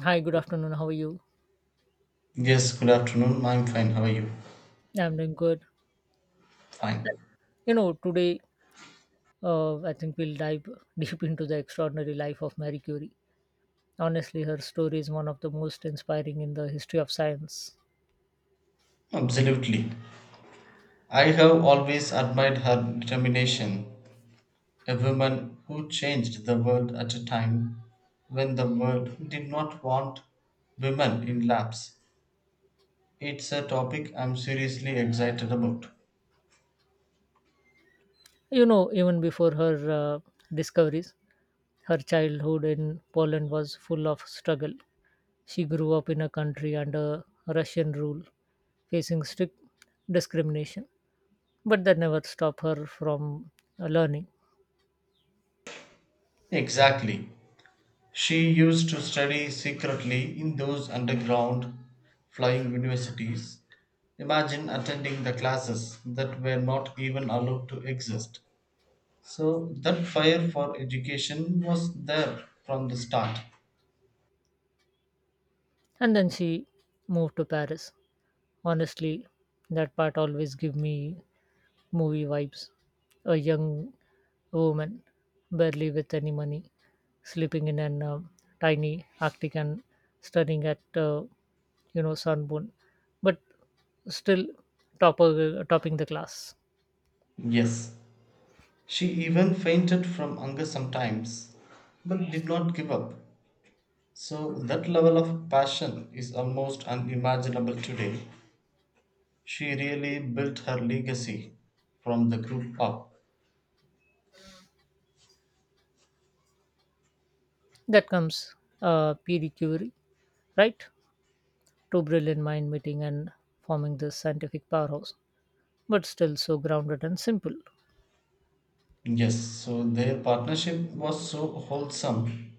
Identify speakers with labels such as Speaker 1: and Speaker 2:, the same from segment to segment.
Speaker 1: Hi, good afternoon. How are you?
Speaker 2: Yes, good afternoon. I'm fine. How are you?
Speaker 1: I'm doing good.
Speaker 2: Fine.
Speaker 1: Today I think we'll dive deep into the extraordinary life of Marie Curie. Honestly, her story is one of the most inspiring in the history of science.
Speaker 2: Absolutely. I have always admired her determination, a woman who changed the world at a time when the world did not want women in labs. It's a topic I'm seriously excited about.
Speaker 1: Even before her discoveries, her childhood in Poland was full of struggle. She grew up in a country under Russian rule, facing strict discrimination, but that never stopped her from learning.
Speaker 2: Exactly. She used to study secretly in those underground flying universities. Imagine attending the classes that were not even allowed to exist. So that fire for education was there from the start.
Speaker 1: And then she moved to Paris. Honestly, that part always give me movie vibes. A young woman, barely with any money, sleeping in an tiny Arctic and staring at uh, sunburn, but still top topping the class.
Speaker 2: Yes, she even fainted from hunger sometimes, but did not give up. So that level of passion is almost unimaginable today. She really built her legacy from the group up.
Speaker 1: That comes Pierre Curie, right? Two brilliant mind meeting and forming this scientific powerhouse, but still so grounded and simple.
Speaker 2: Yes, so their partnership was so wholesome.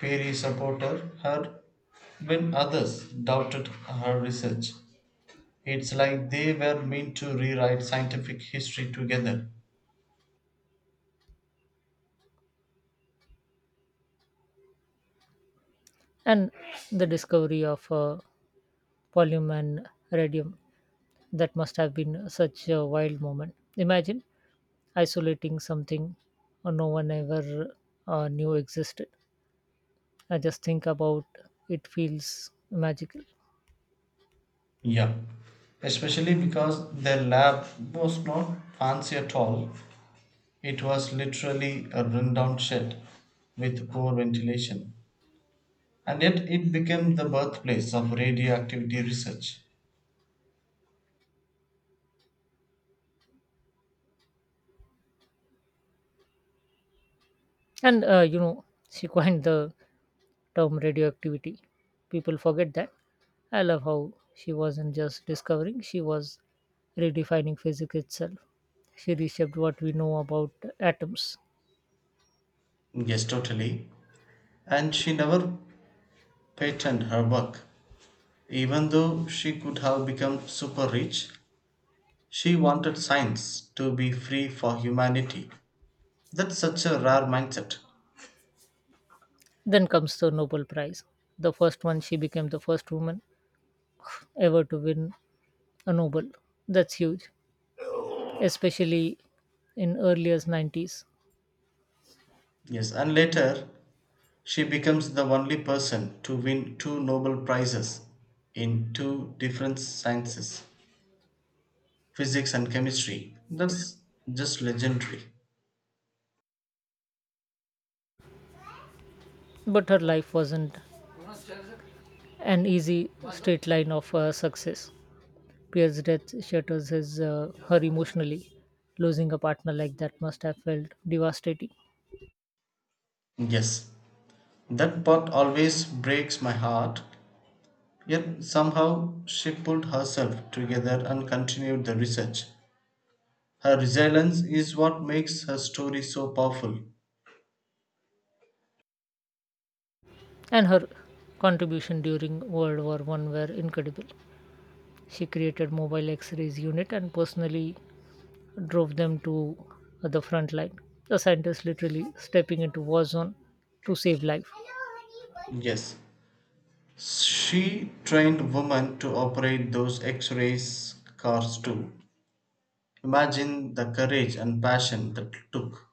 Speaker 2: Perry supported her when others doubted her research. It's like they were meant to rewrite scientific history together.
Speaker 1: And the discovery of volume and radium. That must have been such a wild moment. Imagine isolating something no one ever knew existed. I just think about it feels magical.
Speaker 2: Yeah. Especially because their lab was not fancy at all. It was literally a rundown shed with poor ventilation. And yet it became the birthplace of radioactivity research.
Speaker 1: And she coined the term radioactivity. People forget that. I love how she wasn't just discovering, she was redefining physics itself. She reshaped what we know about atoms.
Speaker 2: Yes, totally. And she never patented her work. Even though she could have become super rich, she wanted science to be free for humanity. That's such a rare mindset.
Speaker 1: Then comes the Nobel Prize. The first one, she became the first woman ever to win a Nobel. That's huge, especially in earlier 90s.
Speaker 2: Yes, and later she becomes the only person to win two Nobel Prizes in two different sciences, physics and chemistry. That's just legendary.
Speaker 1: But her life wasn't an easy straight line of success. Pierre's death shatters his, her emotionally. Losing a partner like that must have felt devastating.
Speaker 2: Yes, that part always breaks my heart, yet somehow she pulled herself together and continued the research. Her resilience is what makes her story so powerful.
Speaker 1: And her contribution during World War One were incredible. She created mobile X-rays unit and personally drove them to the front line. The scientists literally stepping into war zone to save life.
Speaker 2: Yes, she trained women to operate those X ray cars too. Imagine the courage and passion that took.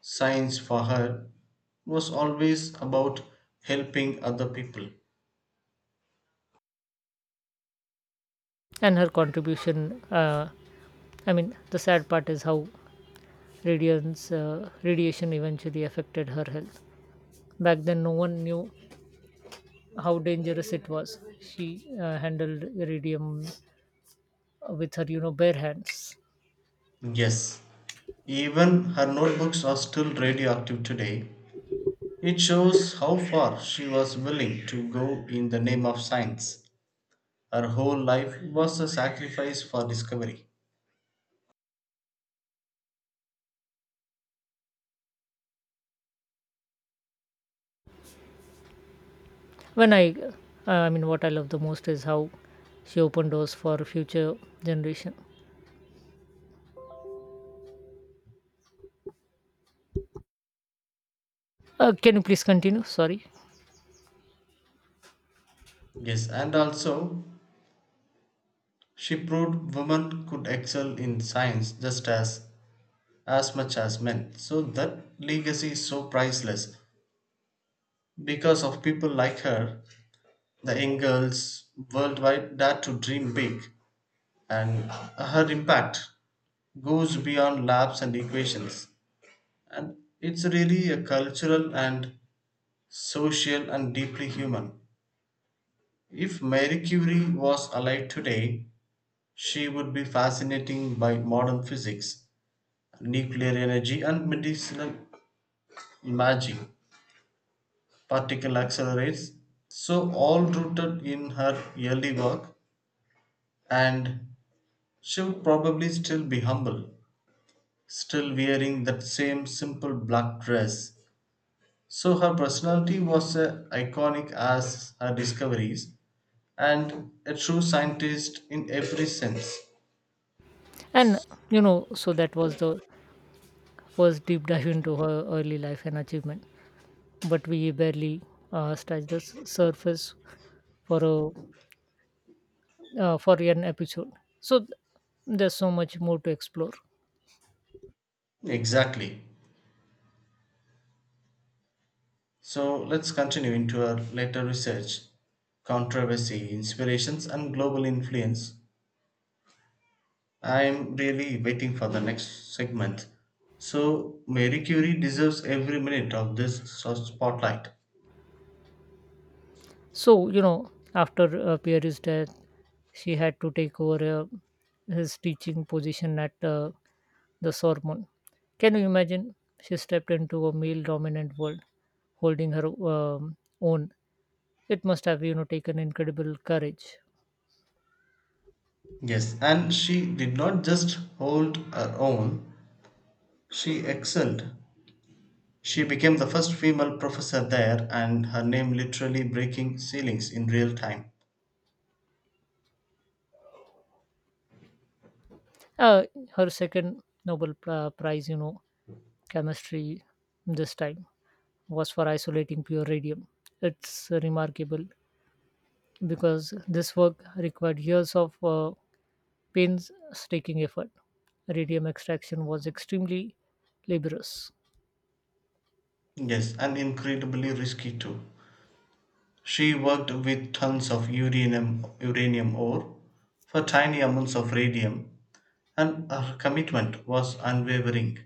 Speaker 2: Science for her was always about helping other people.
Speaker 1: And her contribution, the sad part is how radiation eventually affected her health. Back then, no one knew how dangerous it was. She handled iridium with her, bare hands.
Speaker 2: Yes, even her notebooks are still radioactive today. It shows how far she was willing to go in the name of science. Her whole life was a sacrifice for discovery.
Speaker 1: When I mean what I love the most is how she opened doors for future generation. Can you please continue, sorry.
Speaker 2: Yes, and also she proved women could excel in science just as much as men. So that legacy is so priceless. Because of people like her, the young worldwide dare to dream big, and her impact goes beyond labs and equations. And it's really a cultural and social and deeply human. If Marie Curie was alive today, she would be fascinating by modern physics, nuclear energy, and medicinal magic particle accelerates, so all rooted in her early work. And she would probably still be humble, still wearing that same simple black dress. So her personality was as iconic as her discoveries, and a true scientist in every sense.
Speaker 1: And you know so that was the first deep dive into her early life and achievement, but we barely scratched the surface for a for an episode, so there's so much more to explore.
Speaker 2: Exactly, so let's continue into her later research, controversy, inspirations, and global influence. I'm really waiting for the next segment. So, Mary Curie deserves every minute of this spotlight.
Speaker 1: So, after Pierre's death, she had to take over his teaching position at the Sorbonne. Can you imagine? She stepped into a male dominant world, holding her own. It must have, taken incredible courage.
Speaker 2: Yes, and she did not just hold her own, she excelled. She became the first female professor there, and her name literally breaking ceilings in real time.
Speaker 1: Uh, Her second Prize, chemistry this time, was for isolating pure radium. It's remarkable because this work required years of painstaking effort. Radium extraction was extremely laborious.
Speaker 2: Yes, and incredibly risky too. She worked with tons of uranium, uranium ore for tiny amounts of radium, and her commitment was unwavering.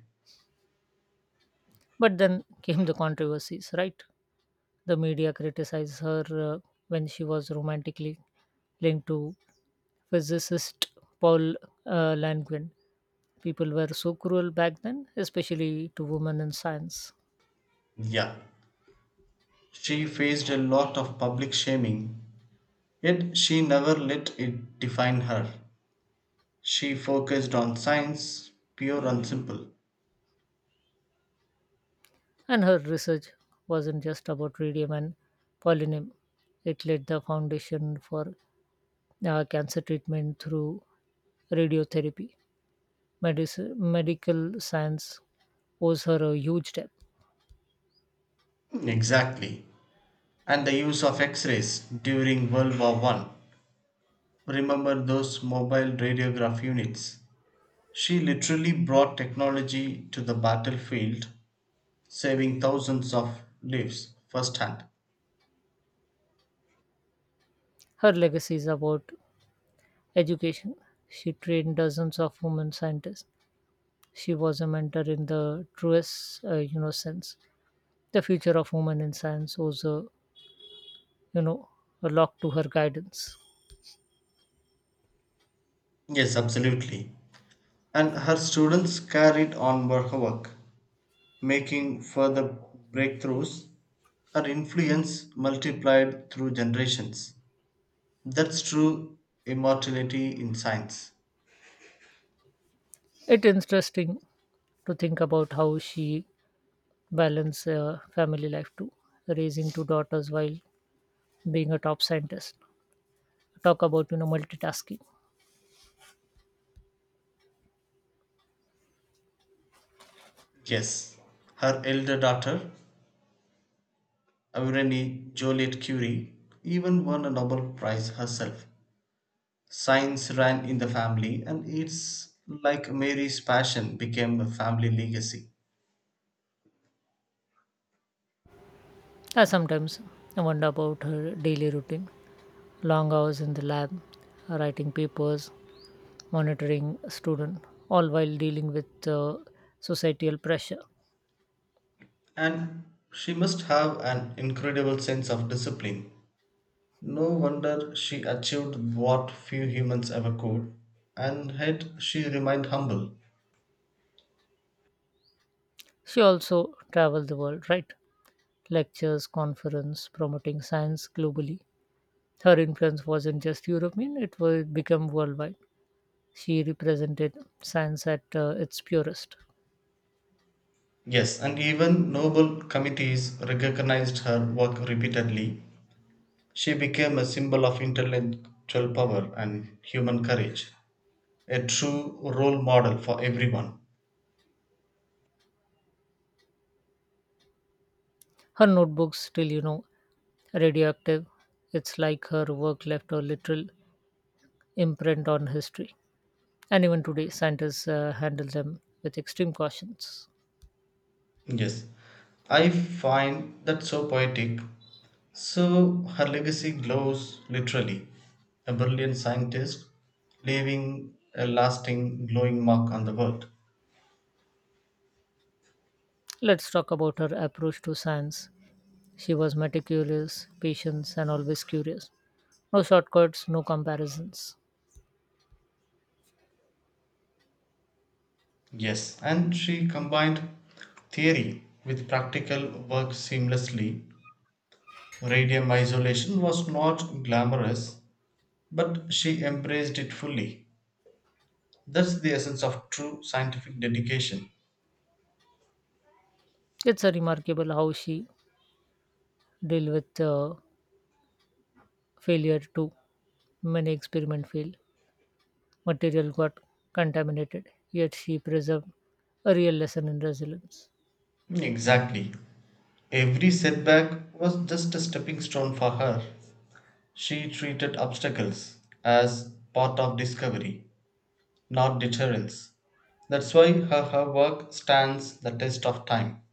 Speaker 1: But then came the controversies, right? The media criticized her uh, when she was romantically linked to physicist Paul Langevin. People were so cruel back then, especially to women in science.
Speaker 2: Yeah. She faced a lot of public shaming, yet she never let it define her. She focused on science, pure and simple.
Speaker 1: And her research wasn't just about radium and polonium, it laid the foundation for cancer treatment through radiotherapy. Medical science owes her a huge debt.
Speaker 2: Exactly. And the use of X rays during World War One. Remember those mobile radiograph units? She literally brought technology to the battlefield, saving thousands of lives firsthand.
Speaker 1: Her legacy is about education. She trained dozens of women scientists. She was a mentor in the truest, sense. The future of women in science owes a, you know, a lot to her guidance.
Speaker 2: Yes, absolutely. And her students carried on her work making further breakthroughs. Her influence multiplied through generations. That's true immortality in science.
Speaker 1: It's interesting to think about how she balanced family life too, raising two daughters while being a top scientist. Talk about multitasking.
Speaker 2: Yes, her elder daughter, Irene Joliet Curie, even won a Nobel Prize herself. Science ran in the family, and it's like Mary's passion became a family legacy.
Speaker 1: I sometimes wonder about her daily routine. Long hours in the lab, writing papers, monitoring students, all while dealing with societal pressure.
Speaker 2: And she must have an incredible sense of discipline. No wonder she achieved what few humans ever could, and yet she remained humble.
Speaker 1: She also traveled the world, right? Lectures, conference, promoting science globally. Her influence wasn't just European, it would become worldwide. She represented science at its purest.
Speaker 2: Yes, and even noble committees recognized her work repeatedly. She became a symbol of intellectual power and human courage, a true role model for everyone.
Speaker 1: Her notebooks still, radioactive. It's like her work left a literal imprint on history. And even today, scientists handle them with extreme cautions.
Speaker 2: Yes, I find that so poetic. So her legacy glows literally. A brilliant scientist leaving a lasting, glowing mark on the world.
Speaker 1: Let's talk about her approach to science. She was meticulous, patient, and always curious. No shortcuts, no comparisons.
Speaker 2: Yes, and she combined theory with practical work seamlessly. Radium isolation was not glamorous, but she embraced it fully. That's the essence of true scientific dedication.
Speaker 1: It's a remarkable how she deal with failure too. Many experiment failed, material got contaminated, yet she preserved a real lesson in resilience
Speaker 2: Exactly. Every setback was just a stepping stone for her. She treated obstacles as part of discovery, not deterrence. That's why her work stands the test of time.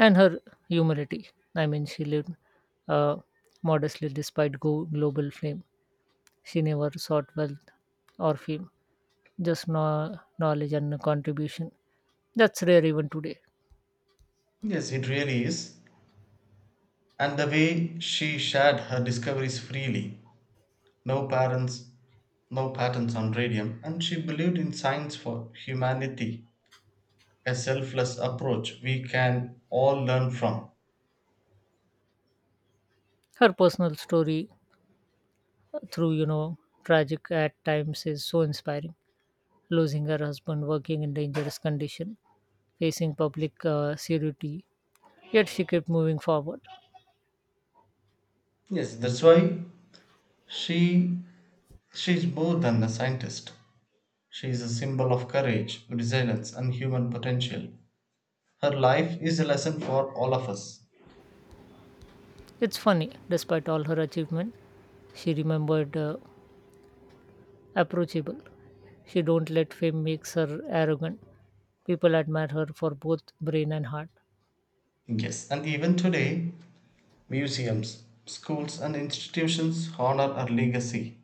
Speaker 1: and her humility. I mean, she lived uh, modestly despite global fame. She never sought wealth or fame, just knowledge and contribution. That's rare even today.
Speaker 2: Yes, it really is. And the way she shared her discoveries freely, no parents, no patents on radium, and she believed in science for humanity, a selfless approach we can all learn from.
Speaker 1: Her personal story, through you know tragic at times, is so inspiring. Losing her husband, working in dangerous condition, facing public seriously, yet she kept moving forward.
Speaker 2: Yes, that's why she she is more than a scientist. She is a symbol of courage, resilience, and human potential. Her life is a lesson for all of us.
Speaker 1: It's funny, despite all her achievement, she remembered approachable. She don't let fame makes her arrogant. People admire her for both brain and heart.
Speaker 2: Yes, and even today, museums, schools, and institutions honor her legacy.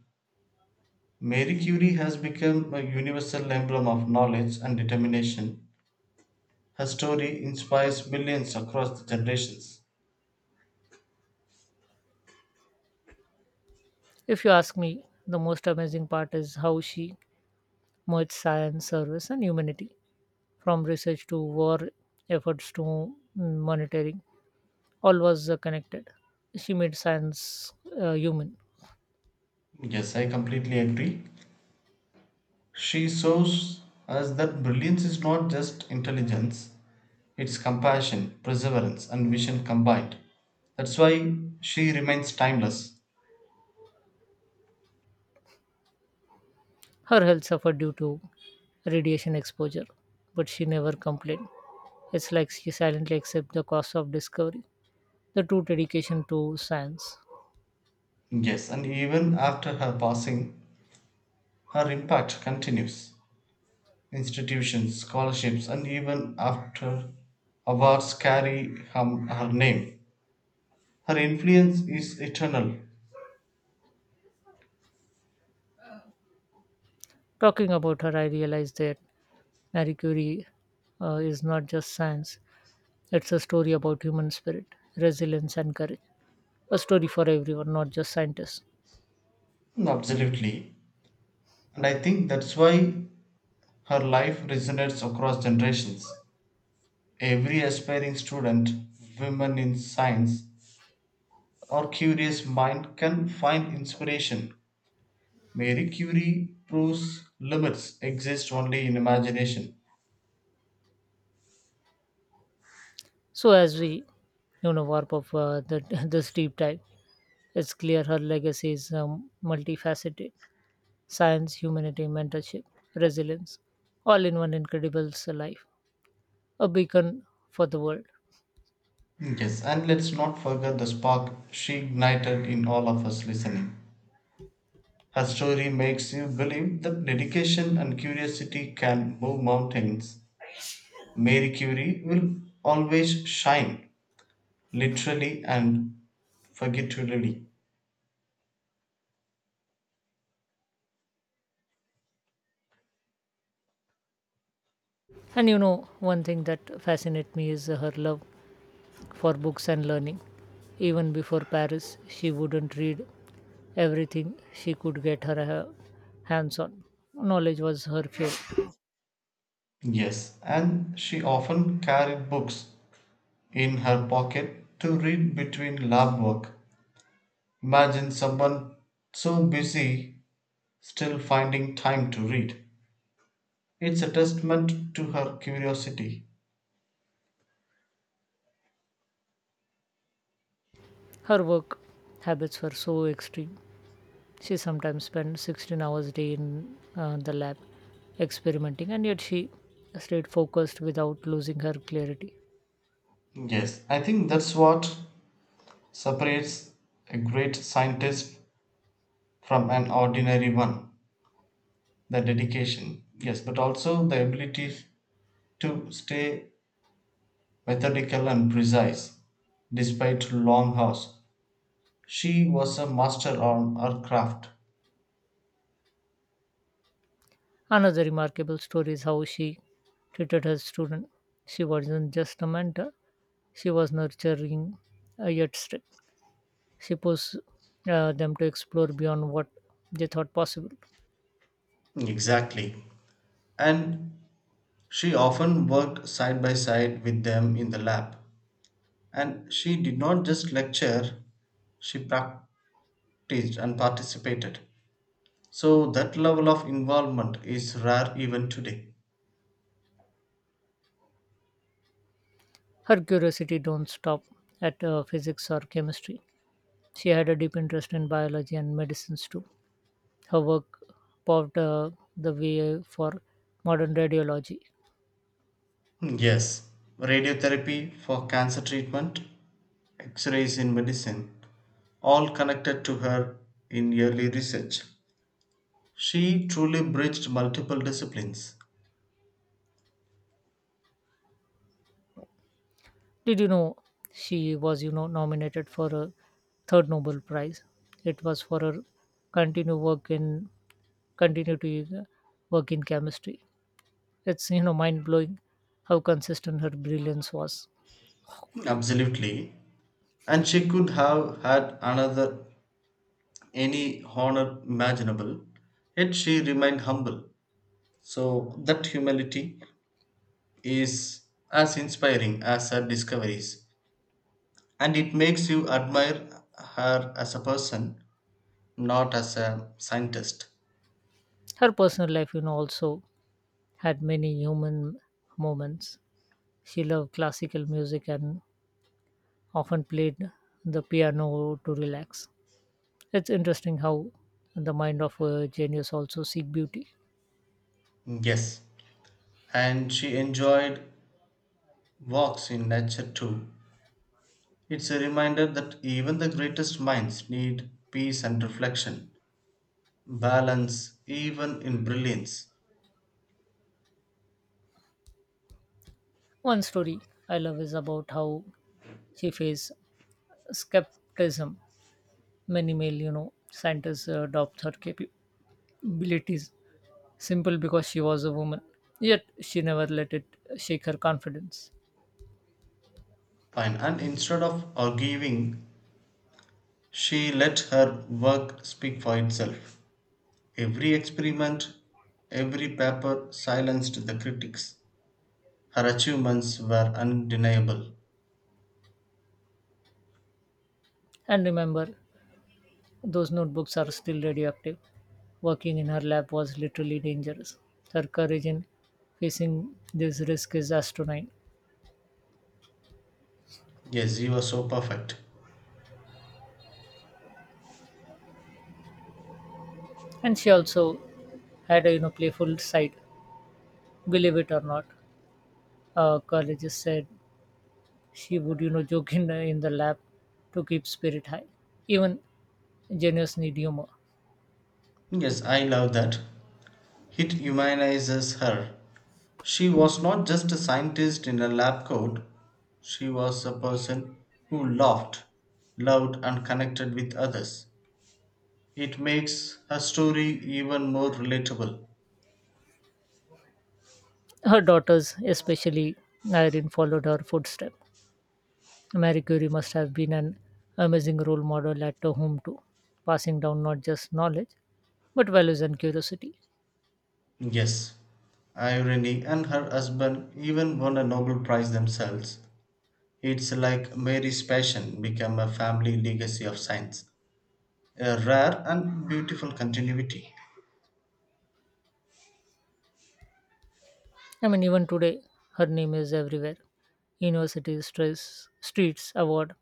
Speaker 2: Marie Curie has become a universal emblem of knowledge and determination. Her story inspires millions across the generations.
Speaker 1: If you ask me, the most amazing part is how she merged science, service, and humanity, from research to war efforts to monitoring, all was connected. She made science human.
Speaker 2: Yes, I completely agree. She shows us that brilliance is not just intelligence, it's compassion, perseverance, and vision combined. That's why she remains timeless.
Speaker 1: Her health suffered due to radiation exposure, but she never complained. It's like she silently accepted the cost of discovery, the true dedication to science.
Speaker 2: Yes, and even after her passing, her impact continues. Institutions, scholarships, and even after awards carry her name. Her influence is eternal.
Speaker 1: Talking about her, I realized that Marie Curie is not just science, it's a story about human spirit, resilience, and courage. A story for everyone, not just scientists.
Speaker 2: Mm, absolutely. And I think that's why her life resonates across generations. Every aspiring student, women in science, or curious mind can find inspiration. Mary Curie proves limits exist only in imagination.
Speaker 1: So, as we, warp up this deep dive, it's clear her legacy is multifaceted: science, humanity, mentorship, resilience, all in one incredible life, a beacon for the world.
Speaker 2: Yes, and let's not forget the spark she ignited in all of us listening. Her story makes you believe that dedication and curiosity can move mountains. Mary Curie will always shine, literally and figuratively.
Speaker 1: And you know, one thing that fascinates me is her love for books and learning. Even before Paris, she wouldn't read everything she could get her hands on. Knowledge was her fuel.
Speaker 2: Yes, and she often carried books in her pocket to read between lab work. Imagine someone so busy still finding time to read. It's a testament to her curiosity.
Speaker 1: Her work habits were so extreme. She sometimes spent 16 hours a day in the lab experimenting, and yet she stayed focused without losing her clarity.
Speaker 2: Yes, I think that's what separates a great scientist from an ordinary one, the dedication. Yes, but also the ability to stay methodical and precise despite long hours. She was a master on her craft.
Speaker 1: Another remarkable story is how she treated her student. She wasn't just a mentor, she was nurturing, yet strict. She pushed them to explore beyond what they thought possible.
Speaker 2: Exactly. And she often worked side by side with them in the lab. And she did not just lecture, she practiced and participated. So that level of involvement is rare even today.
Speaker 1: Her curiosity don't stop at physics or chemistry. She had a deep interest in biology and medicines too. Her work paved the way for modern radiology.
Speaker 2: Hmm, yes, radiotherapy for cancer treatment, x rays in medicine, all connected to her in early research. She truly bridged multiple disciplines.
Speaker 1: Did you know she was, nominated for a third Nobel Prize? It was for her continued work in continue to uh, work in chemistry. It's mind blowing how consistent her brilliance was.
Speaker 2: Absolutely. And she could have had another any honor imaginable, yet she remained humble. So that humility is as inspiring as her discoveries, and it makes you admire her as a person, not as a scientist.
Speaker 1: Her personal life, also had many human moments. She loved classical music and often played the piano to relax. It's interesting how the mind of a genius also seek beauty.
Speaker 2: Yes, and she enjoyed walks in nature too. It's a reminder that even the greatest minds need peace and reflection, balance, even in brilliance.
Speaker 1: One story I love is about how she faced skepticism. Many male, scientists adopt her capabilities simple because she was a woman. Yet she never let it shake her confidence.
Speaker 2: Fine, and instead of arguing she let her work speak for itself. Every experiment, every paper silenced the critics. Her achievements were undeniable.
Speaker 1: And remember, those notebooks are still radioactive. Working in her lap was literally dangerous. Her courage in facing this risk is astronomical.
Speaker 2: Yes, you are so perfect.
Speaker 1: And she also had a playful side, believe it or not. Colleges said she would joke in the lab to keep spirit high. Even genius need humor.
Speaker 2: Yes, I love that. It humanizes her. She was not just a scientist in a lab coat, she was a person who laughed, loved, and connected with others. It makes her story even more relatable.
Speaker 1: Her daughters, especially Irene, followed her footstep. Marie Curie must have been an amazing role model at home too, passing down not just knowledge but values and curiosity.
Speaker 2: Yes, Irene and her husband even won a Nobel Prize themselves. It's like Mary's passion became a family legacy of science, a rare and beautiful continuity.
Speaker 1: I mean, even today, her name is everywhere. University stress, streets, award.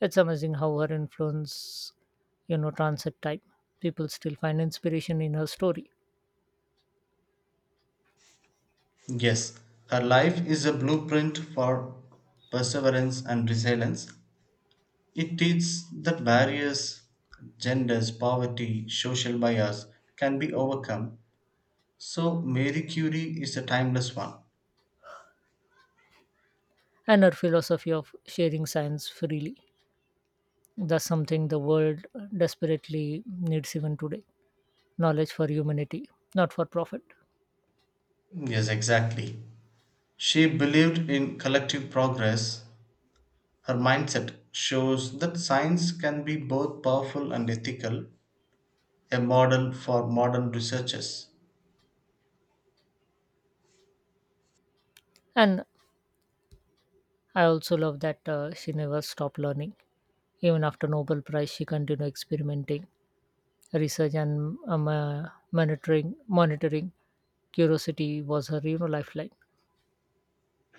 Speaker 1: It's amazing how her influence, transit time. People still find inspiration in her story
Speaker 2: Yes, her life is a blueprint for perseverance and resilience. It teaches that barriers, genders, poverty, social bias can be overcome. So, Mary Curie is a timeless one.
Speaker 1: and her philosophy of sharing science freely. That's something the world desperately needs even today. Knowledge for humanity, not for profit.
Speaker 2: Yes, exactly. She believed in collective progress. Her mindset shows that science can be both powerful and ethical, a model for modern researchers.
Speaker 1: And I also love that she never stopped learning. Even after Nobel Prize, she continued experimenting research and monitoring curiosity was her lifeline.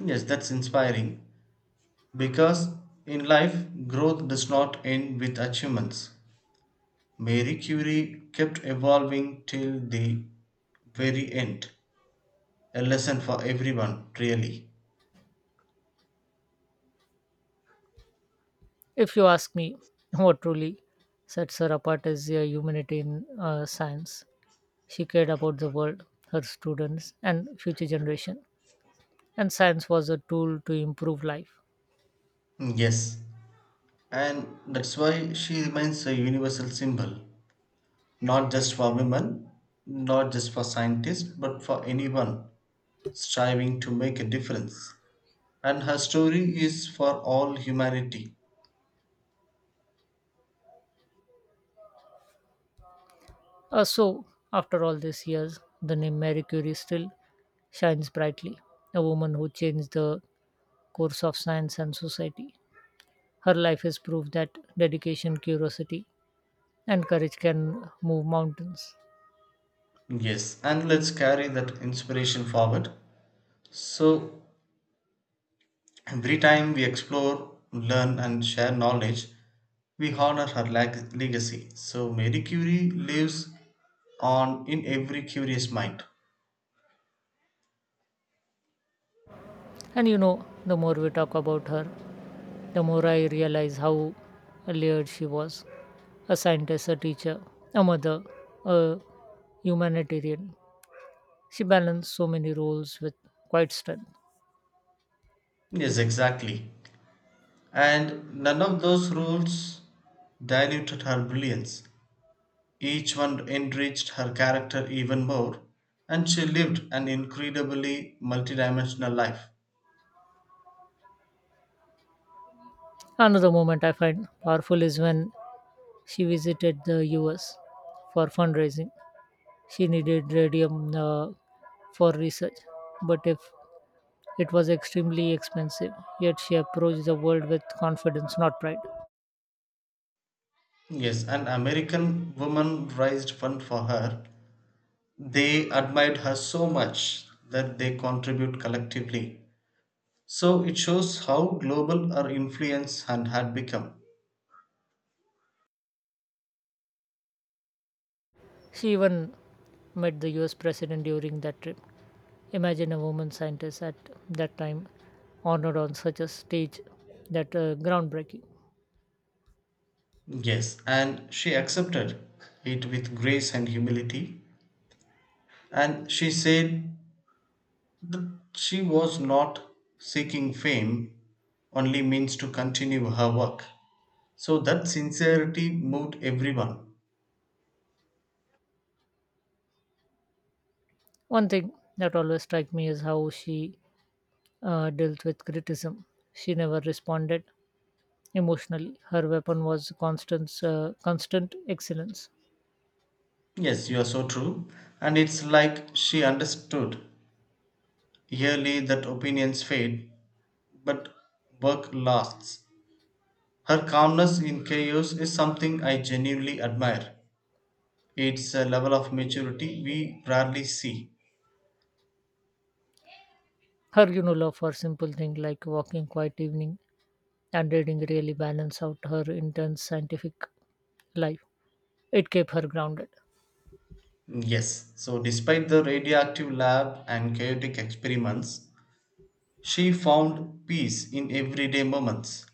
Speaker 2: Yes, that's inspiring because in life, growth does not end with achievements. Marie Curie kept evolving till the very end. A lesson for everyone, really.
Speaker 1: If you ask me, what truly sets her apart is her humanity in science. She cared about the world, her students and future generation, and science was a tool to improve life.
Speaker 2: Yes, and that's why she remains a universal symbol. Not just for women, not just for scientists, but for anyone striving to make a difference. And her story is for all humanity.
Speaker 1: So after all these years the name Marie Curie still shines brightly, a woman who changed the course of science and society. Her life is proof that dedication, curiosity and courage can move mountains.
Speaker 2: Yes, and let's carry that inspiration forward. So, every time we explore, learn, and share knowledge, we honor her legacy. So, Marie Curie lives on in every curious mind.
Speaker 1: And you know, the more we talk about her, the more I realize how layered she was: a scientist, a teacher, a mother, a humanitarian. She balanced so many roles with quite strength.
Speaker 2: Yes, exactly. And none of those rules diluted her brilliance. Each one enriched her character even more, and she lived an incredibly multidimensional life.
Speaker 1: Another moment I find powerful is when she visited the US for fundraising. She needed radium for research, but if it was extremely expensive, yet she approached the world with confidence, not pride.
Speaker 2: Yes, an American woman raised fund for her. They admired her so much that they contribute collectively. So it shows how global her influence and had become.
Speaker 1: She even met the US president during that trip. Imagine a woman scientist at that time honored on such a stage, that groundbreaking.
Speaker 2: Yes, and she accepted it with grace and humility. And she said that she was not seeking fame only means to continue her work. So that sincerity moved everyone.
Speaker 1: One thing that always struck me is how she dealt with criticism. She never responded emotionally. Her weapon was constant excellence.
Speaker 2: Yes, you are so true. And it's like she understood yearly that opinions fade, but work lasts. Her calmness in chaos is something I genuinely admire. It's a level of maturity we rarely see.
Speaker 1: Her, love for simple things like walking quiet evening and reading really balanced out her intense scientific life. It kept her grounded.
Speaker 2: Yes, so despite the radioactive lab and chaotic experiments, she found peace in everyday moments,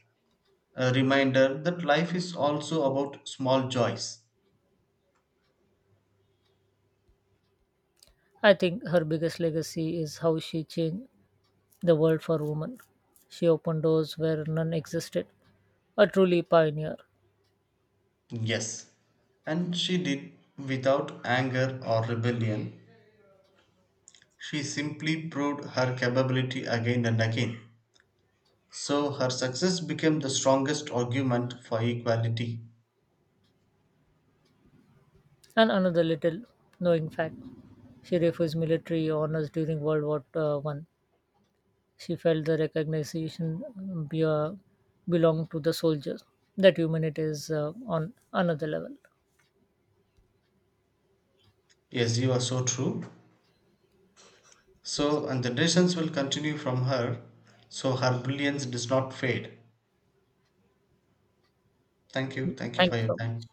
Speaker 2: a reminder that life is also about small joys.
Speaker 1: I think her biggest legacy is how she changed the world for women. She opened doors where none existed, a truly pioneer.
Speaker 2: Yes, and she did without anger or rebellion. She simply proved her capability again and again. So her success became the strongest argument for equality.
Speaker 1: And another little knowing fact, she refused military honors during World War One. She felt the recognition belonged to the soldiers. That humanity is on another level.
Speaker 2: Yes, you are so true. So, and the decisions will continue from her, so her brilliance does not fade. Thank you. Thank you
Speaker 1: Thank
Speaker 2: for
Speaker 1: you
Speaker 2: your
Speaker 1: so
Speaker 2: time.
Speaker 1: much.